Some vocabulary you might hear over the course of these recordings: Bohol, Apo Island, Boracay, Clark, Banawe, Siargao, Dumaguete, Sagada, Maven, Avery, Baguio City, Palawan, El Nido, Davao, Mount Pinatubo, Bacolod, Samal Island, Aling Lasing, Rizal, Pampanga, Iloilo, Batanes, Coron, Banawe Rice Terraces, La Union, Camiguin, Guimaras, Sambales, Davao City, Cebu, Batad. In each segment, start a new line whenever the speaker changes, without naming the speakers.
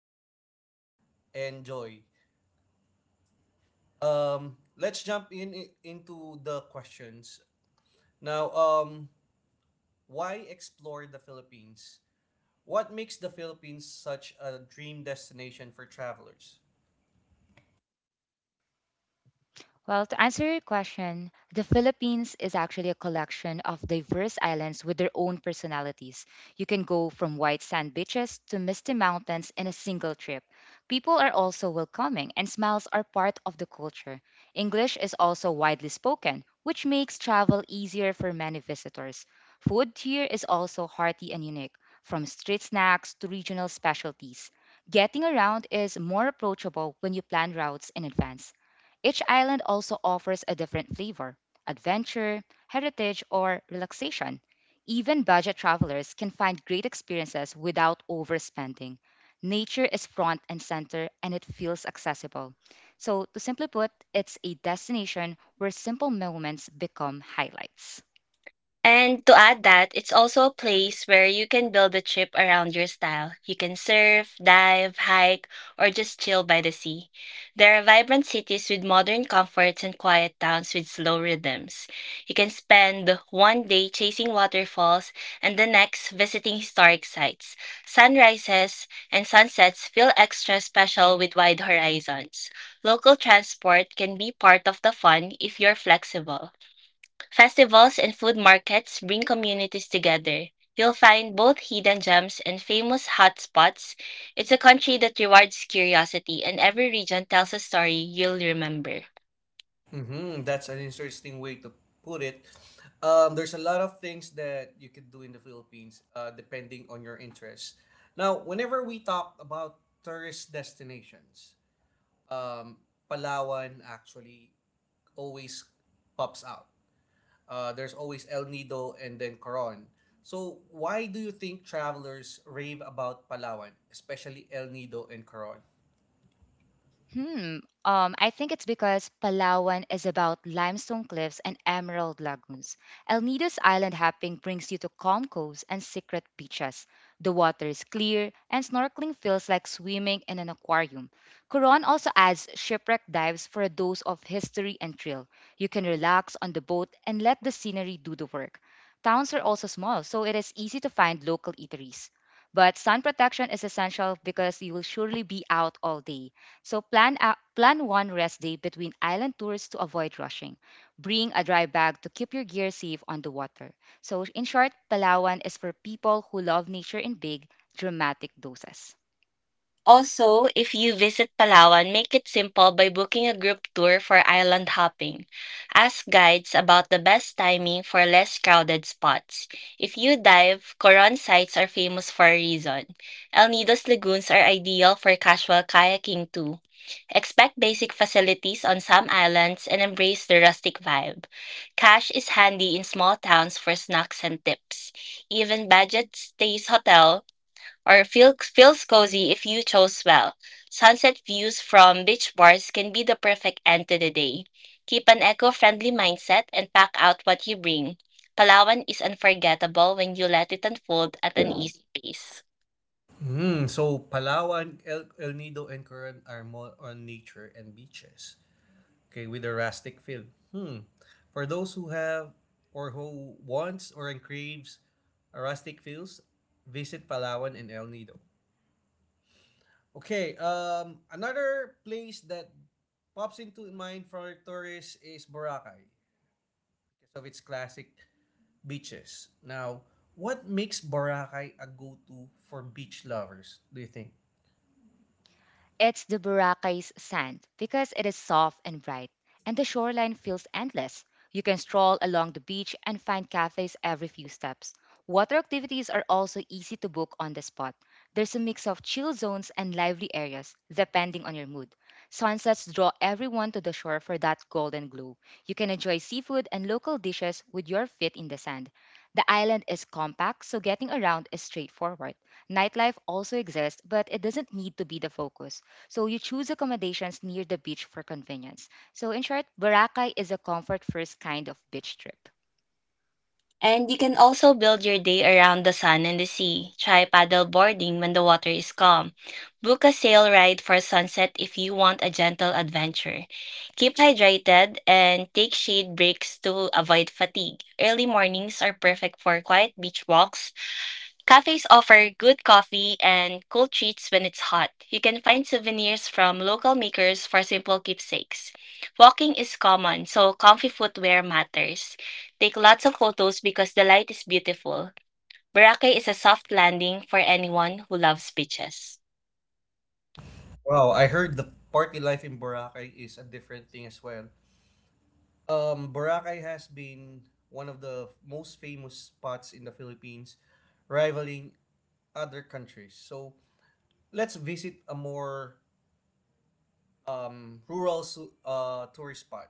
Nika and Joy. Let's jump into the questions. Now, why explore the Philippines? What makes the Philippines such a dream destination for travelers?
Well, to answer your question, the Philippines is actually a collection of diverse islands with their own personalities. You can go from white sand beaches to misty mountains in a single trip. People are also welcoming, and smiles are part of the culture. English is also widely spoken, which makes travel easier for many visitors. Food here is also hearty and unique, from street snacks to regional specialties. Getting around is more approachable when you plan routes in advance. Each island also offers a different flavor adventure, heritage, or relaxation. Even budget travelers can find great experiences without overspending. Nature is front and center and it feels accessible. So, to simply put, it's a destination where simple moments become highlights.
And to add that, it's also a place where you can build a trip around your style. You can surf, dive, hike, or just chill by the sea. There are vibrant cities with modern comforts and quiet towns with slow rhythms. You can spend one day chasing waterfalls and the next visiting historic sites. Sunrises and sunsets feel extra special with wide horizons. Local transport can be part of the fun if you're flexible. Festivals and food markets bring communities together. You'll find both hidden gems and famous hotspots. It's a country that rewards curiosity, and every region tells a story you'll remember.
Mm-hmm. That's an interesting way to put it. There's a lot of things that you could do in the Philippines, depending on your interests. Now, whenever we talk about tourist destinations, um, Palawan actually always pops out. There's always El Nido and then Coron. So, why do you think travelers rave about Palawan, especially El Nido and Coron?
Hmm. I think it's because Palawan is about limestone cliffs and emerald lagoons. El Nido's island hopping brings you to calm coves and secret beaches. The water is clear, and snorkeling feels like swimming in an aquarium. Coron also adds shipwreck dives for a dose of history and thrill. You can relax on the boat and let the scenery do the work. Towns are also small, so it is easy to find local eateries. But sun protection is essential because you will surely be out all day. So plan one rest day between island tours to avoid rushing. Bring a dry bag to keep your gear safe on the water. So in short, Palawan is for people who love nature in big, dramatic doses.
Also, if you visit Palawan, make it simple by booking a group tour for island hopping. Ask guides about the best timing for less crowded spots. If you dive, Coron sites are famous for a reason. El Nido's lagoons are ideal for casual kayaking too. Expect basic facilities on some islands and embrace the rustic vibe. Cash is handy in small towns for snacks and tips. Even budget stays hotel or feels cozy if you chose well. Sunset views from beach bars can be the perfect end to the day. Keep an eco friendly mindset and pack out what you bring. Palawan is unforgettable when you let it unfold at an easy pace.
Mm, so Palawan, El Nido, and Coron are more on nature and beaches. Okay, with a rustic feel. Hmm. For those who have or who wants or craves a rustic feels, visit Palawan and El Nido. Okay, another place that pops into mind for tourists is Boracay because of its classic beaches. Now, what makes Boracay a go-to for beach lovers, do you think?
It's the Boracay's sand because it is soft and bright, and the shoreline feels endless. You can stroll along the beach and find cafes every few steps. Water activities are also easy to book on the spot. There's a mix of chill zones and lively areas, depending on your mood. Sunsets draw everyone to the shore for that golden glow. You can enjoy seafood and local dishes with your feet in the sand. The island is compact, so getting around is straightforward. Nightlife also exists, but it doesn't need to be the focus. So you choose accommodations near the beach for convenience. So in short, Boracay is a comfort first kind of beach trip.
And you can also build your day around the sun and the sea. Try paddle boarding when the water is calm. Book a sail ride for sunset if you want a gentle adventure. Keep hydrated and take shade breaks to avoid fatigue. Early mornings are perfect for quiet beach walks. Cafes offer good coffee and cool treats when it's hot. You can find souvenirs from local makers for simple keepsakes. Walking is common, so comfy footwear matters. Take lots of photos because the light is beautiful. Boracay is a soft landing for anyone who loves beaches.
Wow, I heard the party life in Boracay is a different thing as well. Boracay has been one of the most famous spots in the Philippines, rivaling other countries. So let's visit a more tourist spot.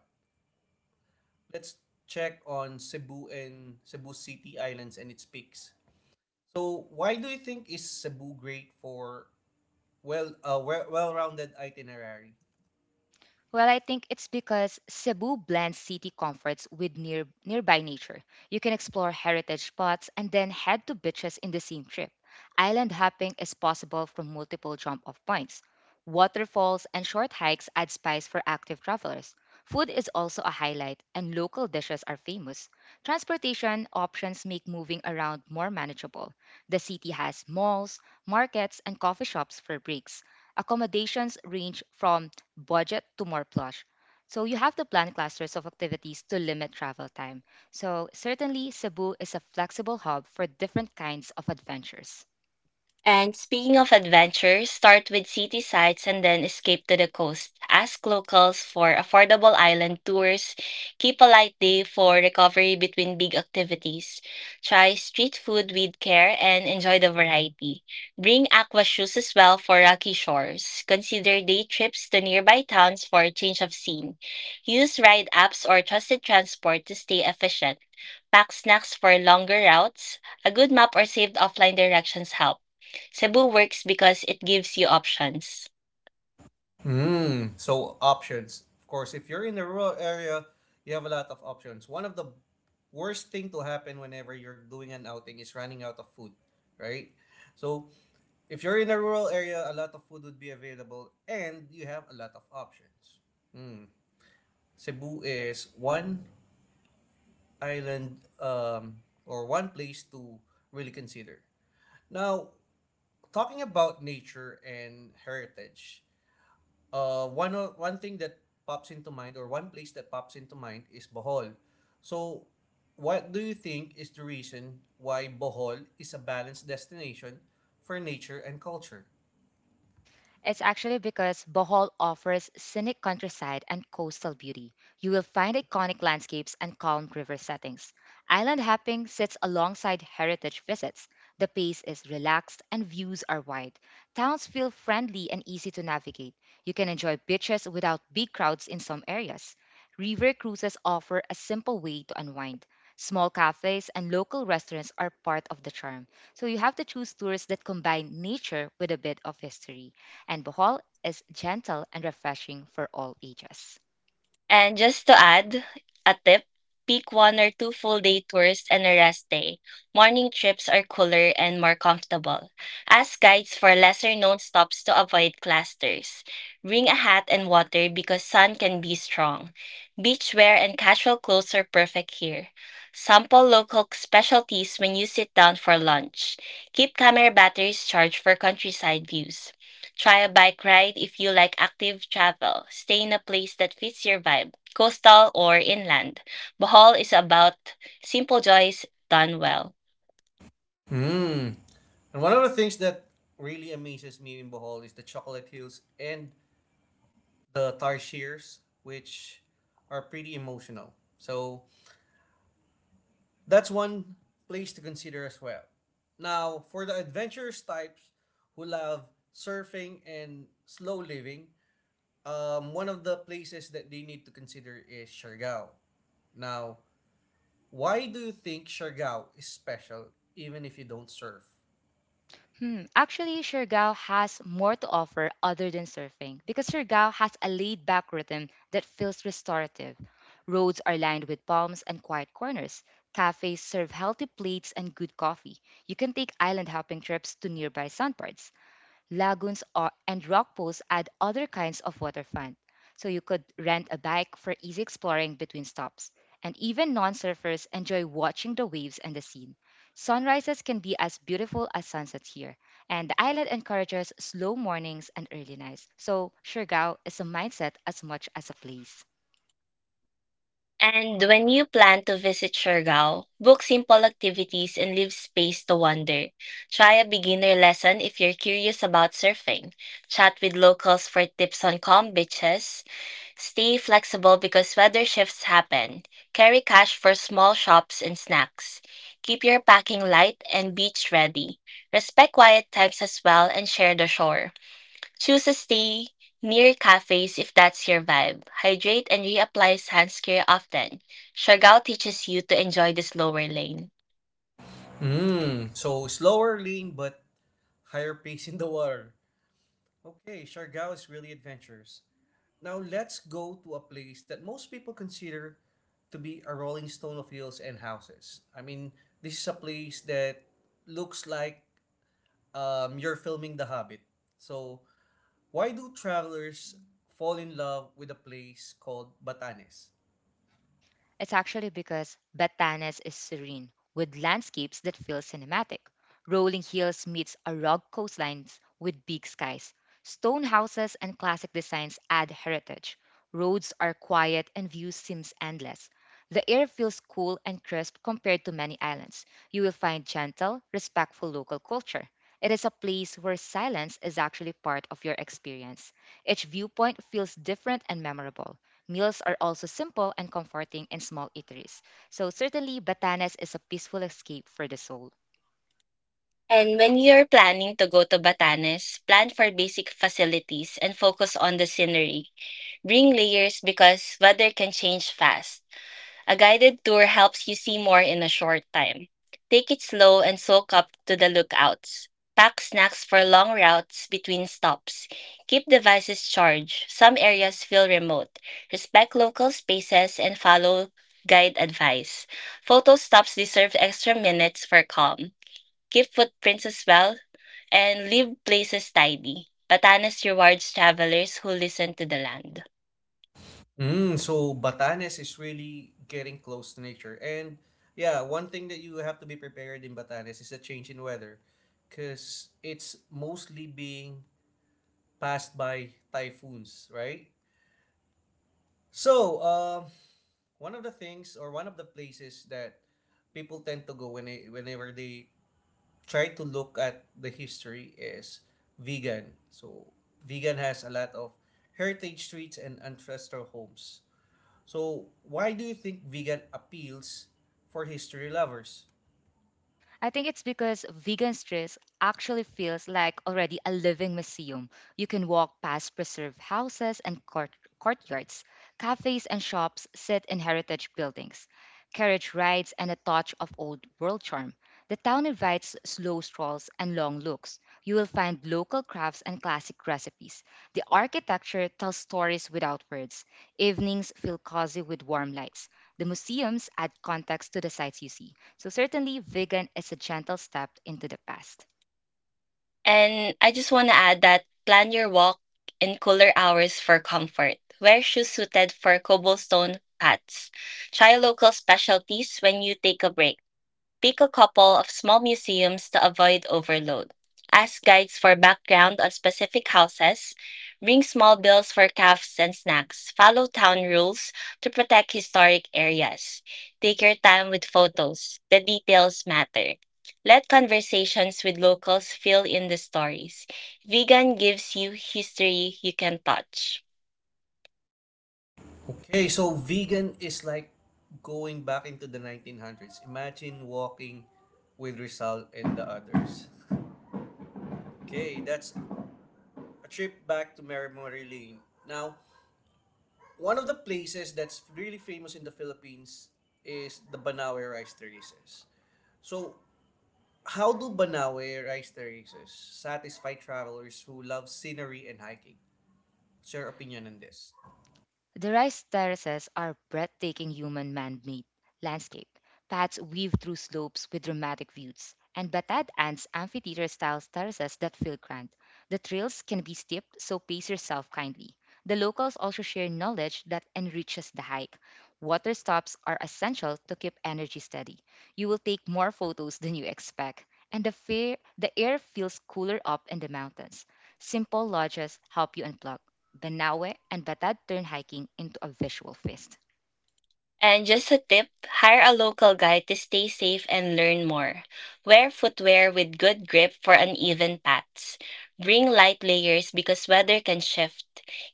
Let's check on Cebu and Cebu City Islands and its peaks. So why do you think is Cebu great for well a well rounded itinerary?
Well, I think it's because Cebu blends city comforts with nearby nature. You can explore heritage spots and then head to beaches in the same trip. Island hopping is possible from multiple jump-off points. Waterfalls and short hikes add spice for active travelers. Food is also a highlight, and local dishes are famous. Transportation options make moving around more manageable. The city has malls, markets, and coffee shops for breaks accommodations range from budget to more plush. So you have to plan clusters of activities to limit travel time. So certainly Cebu is a flexible hub for different kinds of adventures.
And speaking of adventure, start with city sights and then escape to the coast. Ask locals for affordable island tours. Keep a light day for recovery between big activities. Try street food with care and enjoy the variety. Bring aqua shoes as well for rocky shores. Consider day trips to nearby towns for a change of scene. Use ride apps or trusted transport to stay efficient. Pack snacks for longer routes. A good map or saved offline directions help. Cebu works because it gives you options.
Mm, so options. Of course, if you're in the rural area, you have a lot of options. One of the worst thing to happen whenever you're doing an outing is running out of food, right? So if you're in a rural area, a lot of food would be available and you have a lot of options. Mm. Cebu is one island or one place to really consider. Now, talking about nature and heritage, uh, one thing that pops into mind or one place that pops into mind is Bohol. So, what do you think is the reason why Bohol is a balanced destination for nature and culture?
It's actually because Bohol offers scenic countryside and coastal beauty. You will find iconic landscapes and calm river settings. Island hopping sits alongside heritage visits. The pace is relaxed and views are wide. Towns feel friendly and easy to navigate. You can enjoy beaches without big crowds in some areas. River cruises offer a simple way to unwind. Small cafes and local restaurants are part of the charm, so you have to choose tours that combine nature with a bit of history and Bohol is gentle and refreshing for all ages.
And just to add a tip, pick one or two full day tours and a rest day. Morning trips are cooler and more comfortable. Ask guides for lesser known stops to avoid clusters. Bring a hat and water because sun can be strong. Beach wear and casual clothes are perfect here. Sample local specialties when you sit down for lunch. Keep camera batteries charged for countryside views. Try a bike ride if you like active travel. Stay in a place that fits your vibe, coastal or inland. Bohol is about simple joys done well.
Hmm. And one of the things that really amazes me in Bohol is the chocolate hills and the tarsiers, which are pretty emotional. So, that's one place to consider as well. Now, for the adventurous types who love surfing and slow living, one of the places that they need to consider is Siargao. Now, why do you think Siargao is special even if you don't surf?
Actually, Siargao has more to offer other than surfing because Siargao has a laid back rhythm that feels restorative. Roads are lined with palms and quiet corners. Cafes serve healthy plates and good coffee. You can take island hopping trips to nearby sandbars. Lagoons, or, and rock pools add other kinds of waterfront. So you could rent a bike for easy exploring between stops. And even non surfers enjoy watching the waves and the scene. Sunrises can be as beautiful as sunsets here, and the island encourages slow mornings and early nights. So, Siargao is a mindset as much as a place.
And when you plan to visit Siargao, book simple activities and leave space to wander. Try a beginner lesson if you're curious about surfing. Chat with locals for tips on calm beaches. Stay flexible because weather shifts happen. Carry cash for small shops and snacks. Keep your packing light and beach ready. Respect quiet times as well and share the shore. Choose a stay near cafes if that's your vibe. Hydrate and reapply sunscreen often. Siargao teaches you to enjoy the slower lane.
Mm, so slower lane but higher pace in the water. Okay, Siargao is really adventurous. Now let's go to a place that most people consider to be a rolling stone of hills and houses. I mean, this is a place that looks like you're filming The Hobbit. So, why do travelers fall in love with a place called Batanes?
It's actually because Batanes is serene, with landscapes that feel cinematic. Rolling hills meets a rugged coastlines with big skies. Stone houses and classic designs add heritage. Roads are quiet and view seems endless. The air feels cool and crisp compared to many islands. You will find gentle, respectful local culture. It is a place where silence is actually part of your experience. Each viewpoint feels different and memorable. Meals are also simple and comforting in small eateries. So certainly Batanes is a peaceful escape for the soul.
And when you're planning to go to Batanes, plan for basic facilities and focus on the scenery. Bring layers because weather can change fast. A guided tour helps you see more in a short time. Take it slow and soak up to the lookouts. Pack snacks for long routes between stops. Keep devices charged. Some areas feel remote. Respect local spaces and follow guide advice. Photo stops deserve extra minutes for calm. Keep footprints as well and leave places tidy. Batanes rewards travelers who listen to the land.
Mm, so, Batanes is really getting close to nature. And yeah, one thing that you have to be prepared in Batanes is a change in weather because it's mostly being passed by typhoons, right? So, one of the things or one of the places that people tend to go whenever they try to look at the history is vegan. So, vegan has a lot of heritage streets and ancestral homes. So, why do you think vegan appeals for history lovers?
I think it's because vegan stress actually feels like already a living museum. You can walk past preserved houses and courtyards. Cafes and shops sit in heritage buildings. Carriage rides, and a touch of old world charm. The town invites slow strolls and long looks. You will find local crafts and classic recipes. The architecture tells stories without words. Evenings feel cozy with warm lights. The museums add context to the sights you see. So, certainly, vegan is a gentle step into the past.
And I just want to add that plan your walk in cooler hours for comfort. Wear shoes suited for cobblestone paths. Try local specialties when you take a break. Pick a couple of small museums to avoid overload. Ask guides for background on specific houses. Bring small bills for cafes and snacks. Follow town rules to protect historic areas. Take your time with photos. The details matter. Let conversations with locals fill in the stories. Vegan gives you history you can touch.
Okay, so vegan is like going back into the 1900s. Imagine walking with Rizal and the others. Okay, that's a trip back to Mary Lane. Now, one of the places that's really famous in the Philippines is the Banawe Rice Terraces. So, how do Banawe Rice Terraces satisfy travelers who love scenery and hiking? What's your opinion on this?
The rice terraces are breathtaking human man made landscape. Paths weave through slopes with dramatic views, and Batad Ant's amphitheater style terraces that feel grand. The trails can be steep, so pace yourself kindly. The locals also share knowledge that enriches the hike. Water stops are essential to keep energy steady. You will take more photos than you expect, and the air feels cooler up in the mountains. Simple lodges help you unplug Banawe and Batad turn hiking into a visual feast.
And just a tip, hire a local guide to stay safe and learn more. Wear footwear with good grip for uneven paths. Bring light layers because weather can shift.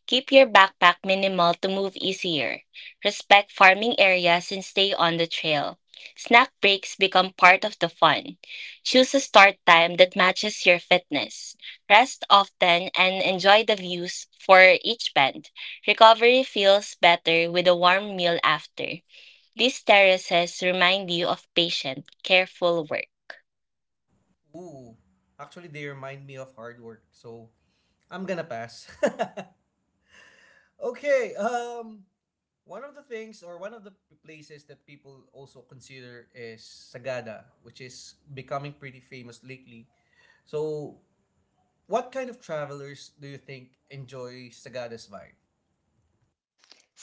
Keep your backpack minimal to move easier. Respect farming areas and stay on the trail. Snack breaks become part of the fun. Choose a start time that matches your fitness. Rest often and enjoy the views for each bend. Recovery feels better with a warm meal after. These terraces remind you of patient, careful work.
Ooh, actually, they remind me of hard work, so I'm gonna pass. Okay, one of the things or one of the places that people also consider is Sagada, which is becoming pretty famous lately. So, what kind of travelers do you think enjoy Sagada's vibe?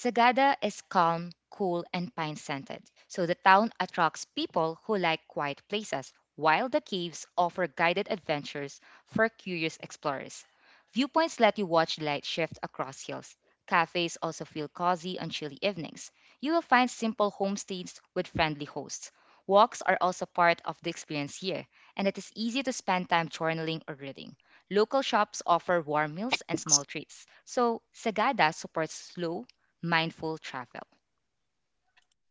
Sagada is calm, cool, and pine scented, so the town attracts people who like quiet places, while the caves offer guided adventures for curious explorers. Viewpoints let you watch the light shift across hills. Cafes also feel cozy on chilly evenings. You will find simple homestays with friendly hosts. Walks are also part of the experience here, and it is easy to spend time journaling or reading. Local shops offer warm meals and small treats, so Sagada supports slow, mindful travel.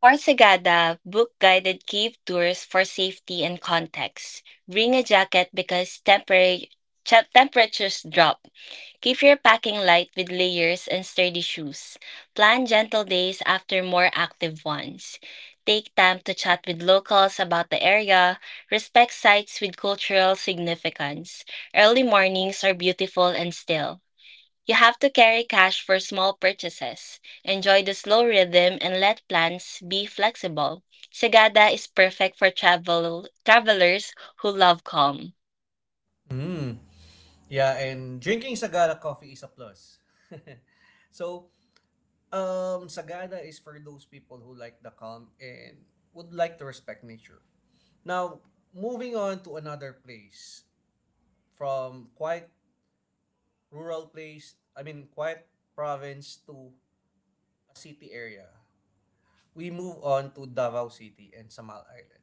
For Sagada, book guided cave tours for safety and context. Bring a jacket because temperatures drop. Keep your packing light with layers and sturdy shoes. Plan gentle days after more active ones. Take time to chat with locals about the area. Respect sites with cultural significance. Early mornings are beautiful and still. You have to carry cash for small purchases, enjoy the slow rhythm, and let plans be flexible. Sagada is perfect for travelers who love calm.
Mm. Yeah, and drinking Sagada coffee is a plus. So, Sagada is for those people who like the calm and would like to respect nature. Now, moving on to another place from quiet rural place, I mean quiet province to a city area. We move on to Davao City and Samal Island.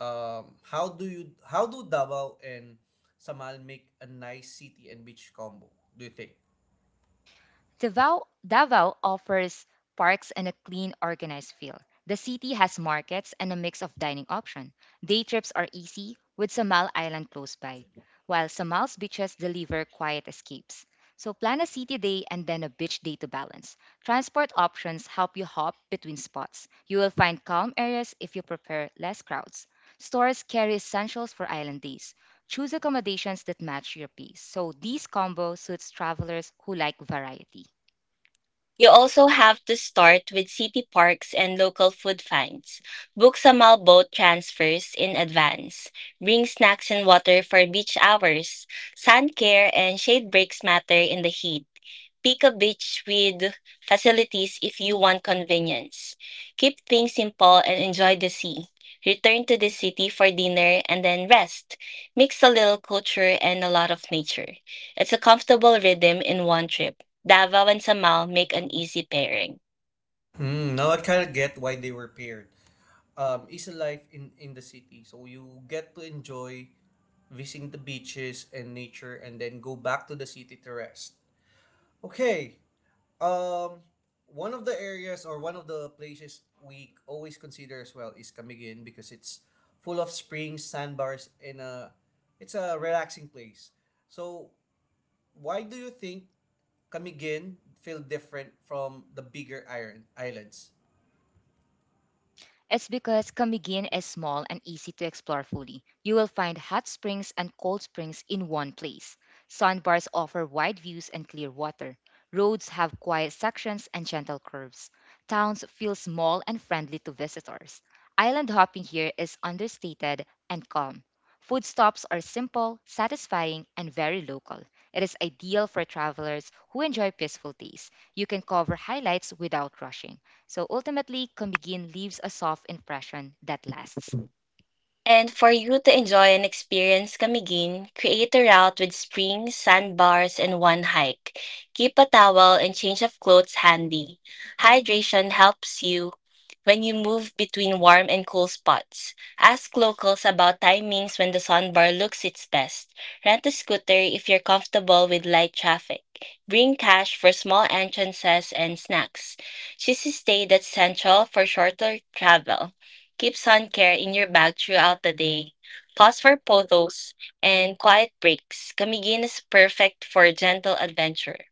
How do Davao and Samal make a nice city and beach combo? Do you think?
Davao offers parks and a clean, organized feel. The city has markets and a mix of dining options. Day trips are easy, with Samal Island close by, while Samal's beaches deliver quiet escapes. So plan a city day and then a beach day to balance. Transport options help you hop between spots. You will find calm areas if you prefer less crowds. Stores carry essentials for island days. Choose accommodations that match your pace. So this combo suits travelers who like variety.
You also have to start with city parks and local food finds. Book small boat transfers in advance. Bring snacks and water for beach hours. Sun care and shade breaks matter in the heat. Pick a beach with facilities if you want convenience. Keep things simple and enjoy the sea. Return to the city for dinner and then rest. Mix a little culture and a lot of nature. It's a comfortable rhythm in one trip. Davao and Samar make an easy pairing.
Hmm, now I kind of get why they were paired. It's a life in the city, so you get to enjoy visiting the beaches and nature, and then go back to the city to rest. Okay. Um, One of the areas or one of the places we always consider as well is Camiguin because it's full of springs, sandbars, and a it's a relaxing place. So why do you think Camiguin feel different from the bigger iron islands?
It's because Camiguin is small and easy to explore fully. You will find hot springs and cold springs in one place. Sandbars offer wide views and clear water. Roads have quiet sections and gentle curves. Towns feel small and friendly to visitors. Island hopping here is understated and calm. Food stops are simple, satisfying, and very local. It is ideal for travelers who enjoy peaceful days. You can cover highlights without rushing. So ultimately, Combigin leaves a soft impression that lasts.
And for you to enjoy and experience Camiguin, create a route with springs, sandbars, and one hike. Keep a towel and change of clothes handy. Hydration helps you when you move between warm and cool spots. Ask locals about timings when the sandbar looks its best. Rent a scooter if you're comfortable with light traffic. Bring cash for small entrances and snacks. Choose a stay that's central for shorter travel. Keep sun care in your bag throughout the day. Pause for photos and quiet breaks. Camiguin is perfect for gentle adventure.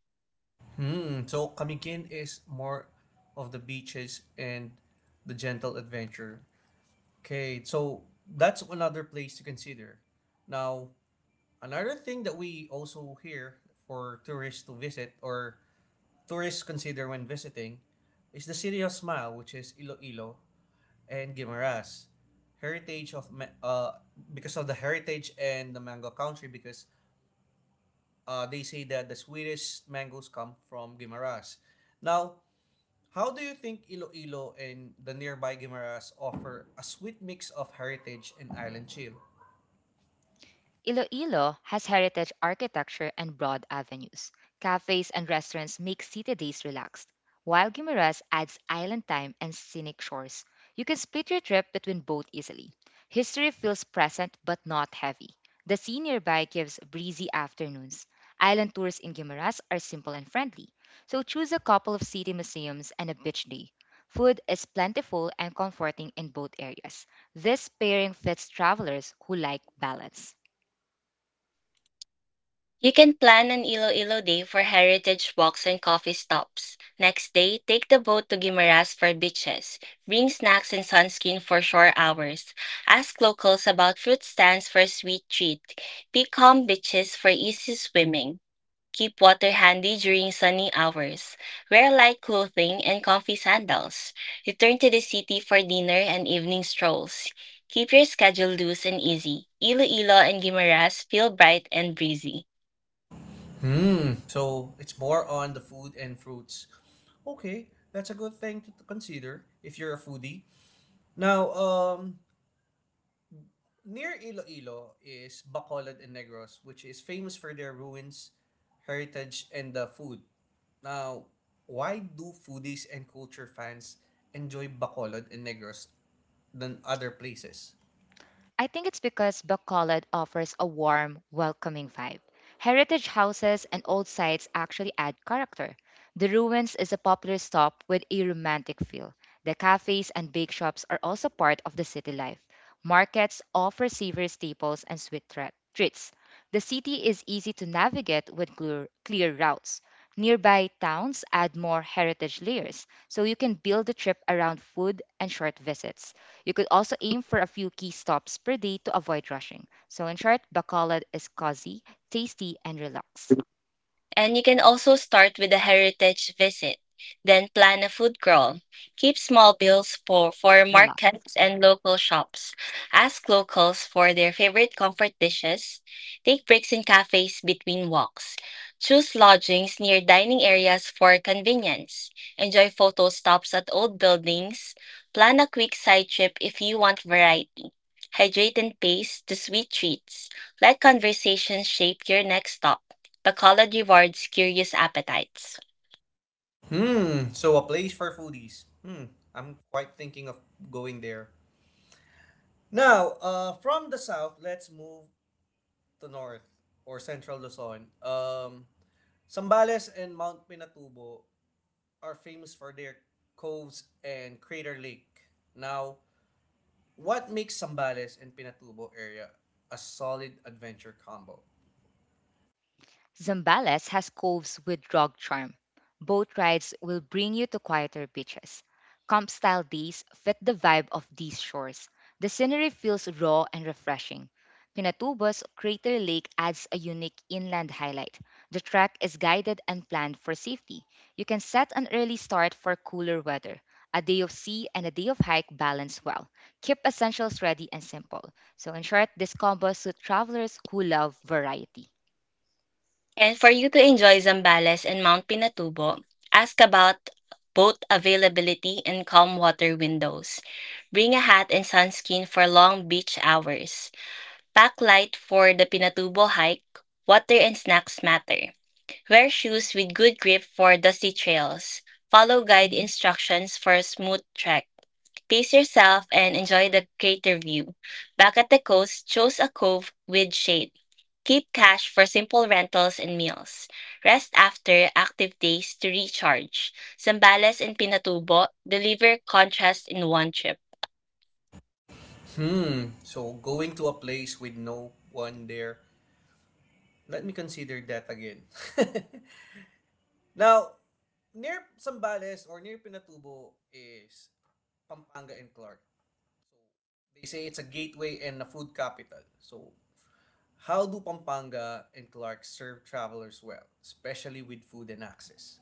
Hmm. So Camiguin is more of the beaches and the gentle adventure. Okay, so that's another place to consider. Now, another thing that we also hear for tourists to visit or tourists consider when visiting is the City of Smile, which is Iloilo and Guimaras. Heritage of Ma- uh because of the heritage and the mango country because they say that the sweetest mangoes come from Guimaras. Now, how do you think Iloilo and the nearby Guimaras offer a sweet mix of heritage and island chill?
Iloilo has heritage architecture and broad avenues. Cafes and restaurants make city days relaxed, while Guimaras adds island time and scenic shores. You can split your trip between both easily. History feels present but not heavy. The sea nearby gives breezy afternoons. Island tours in Guimaras are simple and friendly, so choose a couple of city museums and a beach day. Food is plentiful and comforting in both areas. This pairing fits travelers who like balance.
You can plan an Iloilo day for heritage walks and coffee stops. Next day, take the boat to Guimaras for beaches. Bring snacks and sunscreen for shore hours. Ask locals about fruit stands for a sweet treat. Pick calm beaches for easy swimming. Keep water handy during sunny hours. Wear light clothing and comfy sandals. Return to the city for dinner and evening strolls. Keep your schedule loose and easy. Iloilo and Guimaras feel bright and breezy.
Hmm. So it's more on the food and fruits. Okay, that's a good thing to consider if you're a foodie. Now, near Iloilo is Bacolod and Negros, which is famous for their ruins, heritage, and the food. Now, why do foodies and culture fans enjoy Bacolod and Negros than other places?
I think it's because Bacolod offers a warm, welcoming vibe. Heritage houses and old sites actually add character. The ruins is a popular stop with a romantic feel. The cafes and bake shops are also part of the city life. Markets offer savory staples and sweet treats. The city is easy to navigate with clear routes. Nearby towns add more heritage layers, so you can build a trip around food and short visits. You could also aim for a few key stops per day to avoid rushing. So, in short, Bacolod is cozy, tasty, and relax.
And you can also start with a heritage visit, then plan a food crawl. Keep small bills for
Relax.
markets and local shops. Ask locals for their favorite comfort dishes. Take breaks in cafes between walks. Choose lodgings near dining areas for convenience. Enjoy photo stops at old buildings. Plan a quick side trip if you want variety. Hydrate and pace to sweet treats. Let conversations shape your next stop. Bacolod rewards curious appetites.
Hmm, so a place for foodies. Hmm, I'm quite thinking of going there. Now, from the south, let's move to north or central Luzon. Sambales and Mount Pinatubo are famous for their coves and crater lake. Now, what makes Sambales and Pinatubo area a solid adventure combo?
Zambales has coves with rock charm. Boat rides will bring you to quieter beaches. Camp style days fit the vibe of these shores. The scenery feels raw and refreshing. Pinatubo's Crater Lake adds a unique inland highlight. The trek is guided and planned for safety. You can set an early start for cooler weather. A day of sea and a day of hike balance well. Keep essentials ready and simple. So, in short, this combo suits travelers who love variety.
And for you to enjoy Zambales and Mount Pinatubo, ask about boat availability and calm water windows. Bring a hat and sunscreen for long beach hours. Pack light for the Pinatubo hike. Water and snacks matter. Wear shoes with good grip for dusty trails. Follow guide instructions for a smooth trek. Pace yourself and enjoy the crater view. Back at the coast, choose a cove with shade. Keep cash for simple rentals and meals. Rest after active days to recharge. Zambales and Pinatubo deliver contrast in one trip.
Hmm. So going to a place with no one there. Let me consider that again. Now, near Sambales or near Pinatubo is Pampanga and Clark. They say it's a gateway and a food capital. So, how do Pampanga and Clark serve travelers well, especially with food and access?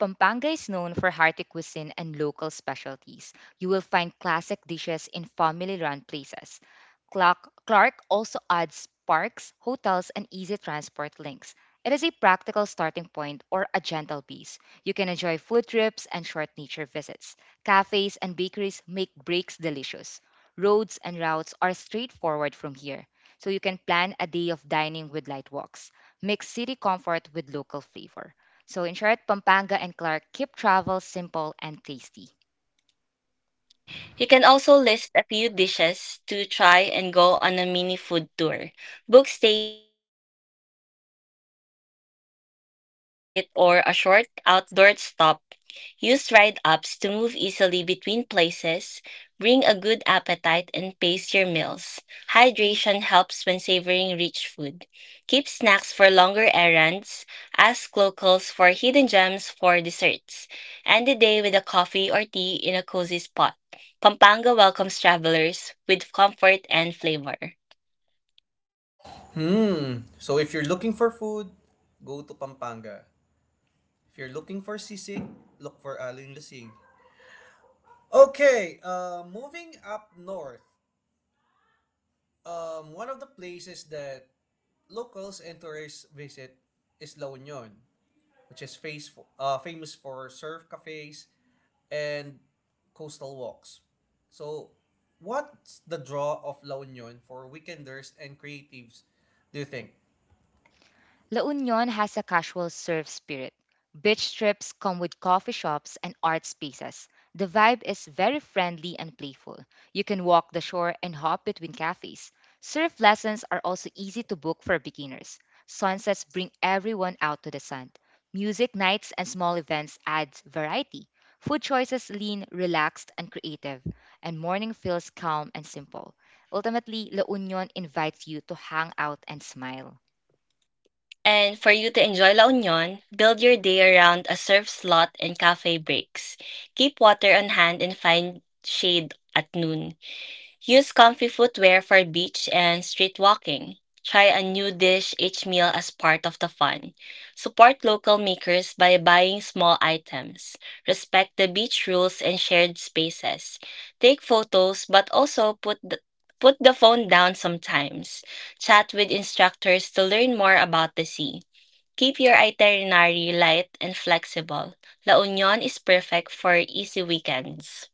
Pampanga is known for hearty cuisine and local specialties. You will find classic dishes in family run places. Clark also adds parks, hotels, and easy transport links. It is a practical starting point or a gentle base. You can enjoy food trips and short nature visits. Cafes and bakeries make breaks delicious. Roads and routes are straightforward from here, so you can plan a day of dining with light walks. Mix city comfort with local flavor. So in short, Pampanga and Clark keep travel simple and tasty.
You can also list a few dishes to try and go on a mini food tour. Book stays near dining clusters for convenience. Add a park visit or a short outdoor stop. Use ride ups to move easily between places. Bring a good appetite and pace your meals. Hydration helps when savoring rich food. Keep snacks for longer errands. Ask locals for hidden gems for desserts. End the day with a coffee or tea in a cozy spot. Pampanga welcomes travelers with comfort and flavor.
Mm. So if you're looking for food, go to Pampanga. If you're looking for sisig, look for Aling Lasing. Okay, moving up north, one of the places that locals and tourists visit is La Union, which is face famous for surf cafes and coastal walks. So, what's the draw of La Union for weekenders and creatives, do you think?
La Union has a casual surf spirit. Beach trips come with coffee shops and art spaces. The vibe is very friendly and playful. You can walk the shore and hop between cafes. Surf lessons are also easy to book for beginners. Sunsets bring everyone out to the sun. Music nights and small events add variety. Food choices lean, relaxed, and creative, and morning feels calm and simple. Ultimately, La Union invites you to hang out and smile.
And for you to enjoy La Union, build your day around a surf slot and cafe breaks. Keep water on hand and find shade at noon. Use comfy footwear for beach and street walking. Try a new dish each meal as part of the fun. Support local makers by buying small items. Respect the beach rules and shared spaces. Take photos but also put the Put the phone down sometimes. Chat with instructors to learn more about the sea. Keep your itinerary light and flexible. La Union is perfect for easy weekends.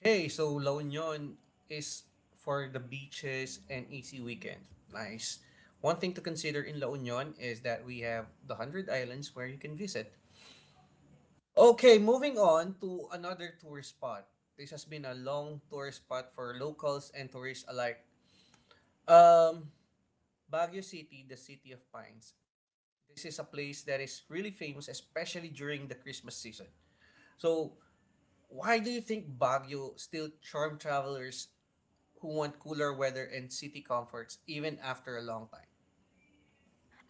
Okay, so La Union is for the beaches and easy weekend. Nice. One thing to consider in La Union is that we have the 100 islands where you can visit. Okay, moving on to another tourist spot. This has been a long tourist spot for locals and tourists alike. Um, Baguio City, the city of pines. This is a place that is really famous, especially during the Christmas season. So, why do you think Baguio still charm travelers who want cooler weather and city comforts even after a long time?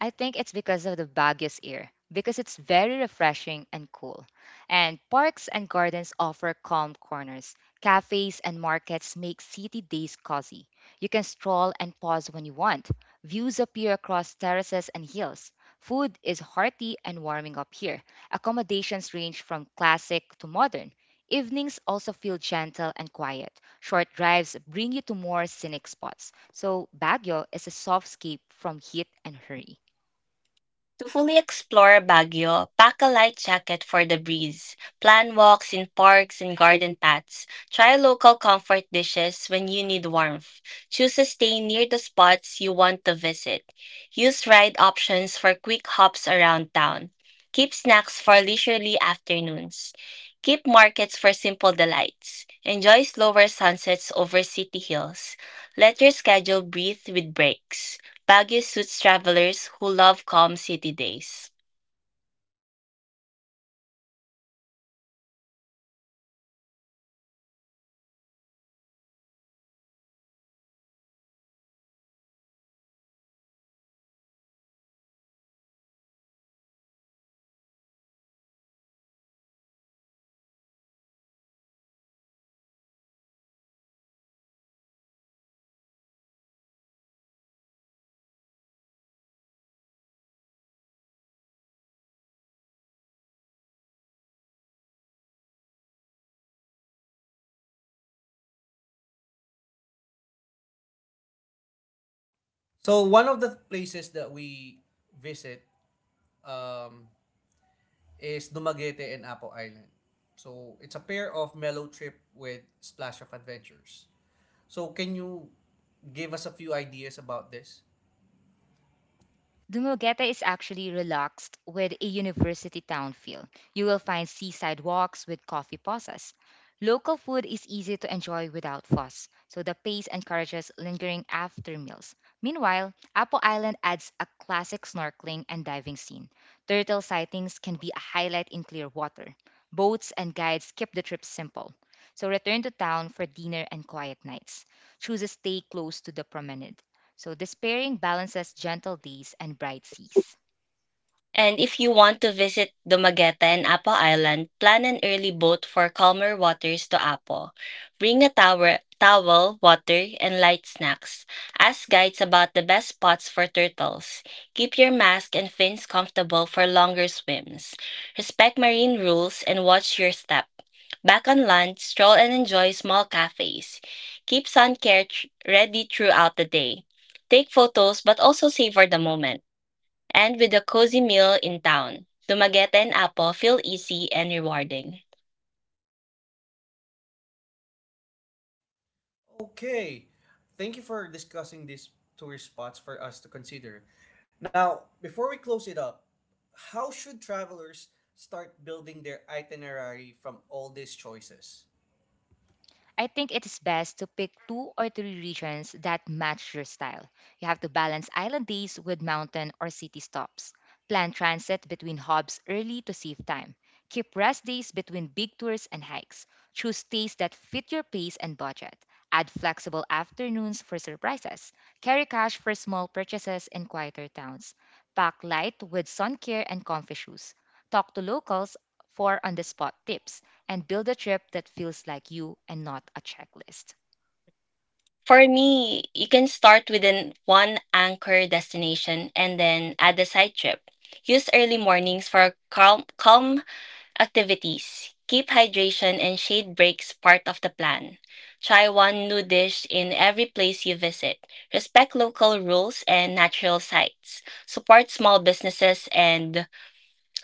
I think it's because of the Baguio's air, because it's very refreshing and cool. And parks and gardens offer calm corners. Cafes and markets make city days cozy. You can stroll and pause when you want. Views appear across terraces and hills. Food is hearty and warming up here. Accommodations range from classic to modern. Evenings also feel gentle and quiet. Short drives bring you to more scenic spots. So, Baguio is a soft escape from heat and hurry.
To fully explore Baguio, pack a light jacket for the breeze, plan walks in parks and garden paths, try local comfort dishes when you need warmth, choose a stay near the spots you want to visit, use ride options for quick hops around town, keep snacks for leisurely afternoons, keep markets for simple delights, enjoy slower sunsets over city hills, let your schedule breathe with breaks. Baguio suits travelers who love calm city days.
So one of the places that we visit um, is Dumaguete and Apo Island. So it's a pair of mellow trip with splash of adventures. So can you give us a few ideas about this?
Dumaguete is actually relaxed with a university town feel. You will find seaside walks with coffee pauses. Local food is easy to enjoy without fuss, so the pace encourages lingering after meals. Meanwhile, Apo Island adds a classic snorkeling and diving scene. Turtle sightings can be a highlight in clear water. Boats and guides keep the trip simple. So return to town for dinner and quiet nights. Choose a stay close to the promenade. So despairing balances gentle days and bright seas.
And if you want to visit Dumaguete and Apo Island, plan an early boat for calmer waters to Apo. Bring a towel, water, and light snacks. Ask guides about the best spots for turtles. Keep your mask and fins comfortable for longer swims. Respect marine rules and watch your step. Back on land, stroll and enjoy small cafes. Keep sun care ready throughout the day. Take photos but also savor the moment. And with a cozy meal in town, Dumaguete and Apo feel easy and rewarding.
Okay. Thank you for discussing these tourist spots for us to consider. Now, before we close it up, how should travelers start building their itinerary from all these choices?
I think it is best to pick two or three regions that match your style. You have to balance island days with mountain or city stops. Plan transit between hubs early to save time. Keep rest days between big tours and hikes. Choose stays that fit your pace and budget. Add flexible afternoons for surprises. Carry cash for small purchases in quieter towns. Pack light with sun care and comfy shoes. Talk to locals for on the spot tips and build a trip that feels like you and not a checklist.
For me, you can start with an one anchor destination and then add a side trip. Use early mornings for calm activities. Keep hydration and shade breaks part of the plan. Try one new dish in every place you visit. Respect local rules and natural sites. Support small businesses and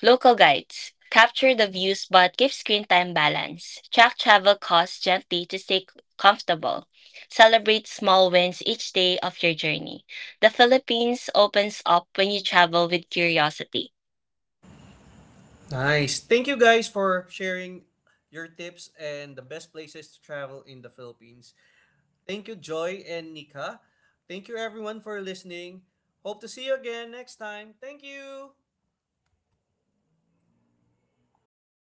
Local guides capture the views but give screen time balance. Track travel costs gently to stay comfortable. Celebrate small wins each day of your journey. The Philippines opens up when you travel with curiosity.
Nice. Thank you guys for sharing your tips and the best places to travel in the Philippines. Thank you, Joy and Nika. Thank you, everyone, for listening. Hope to see you again next time. Thank you.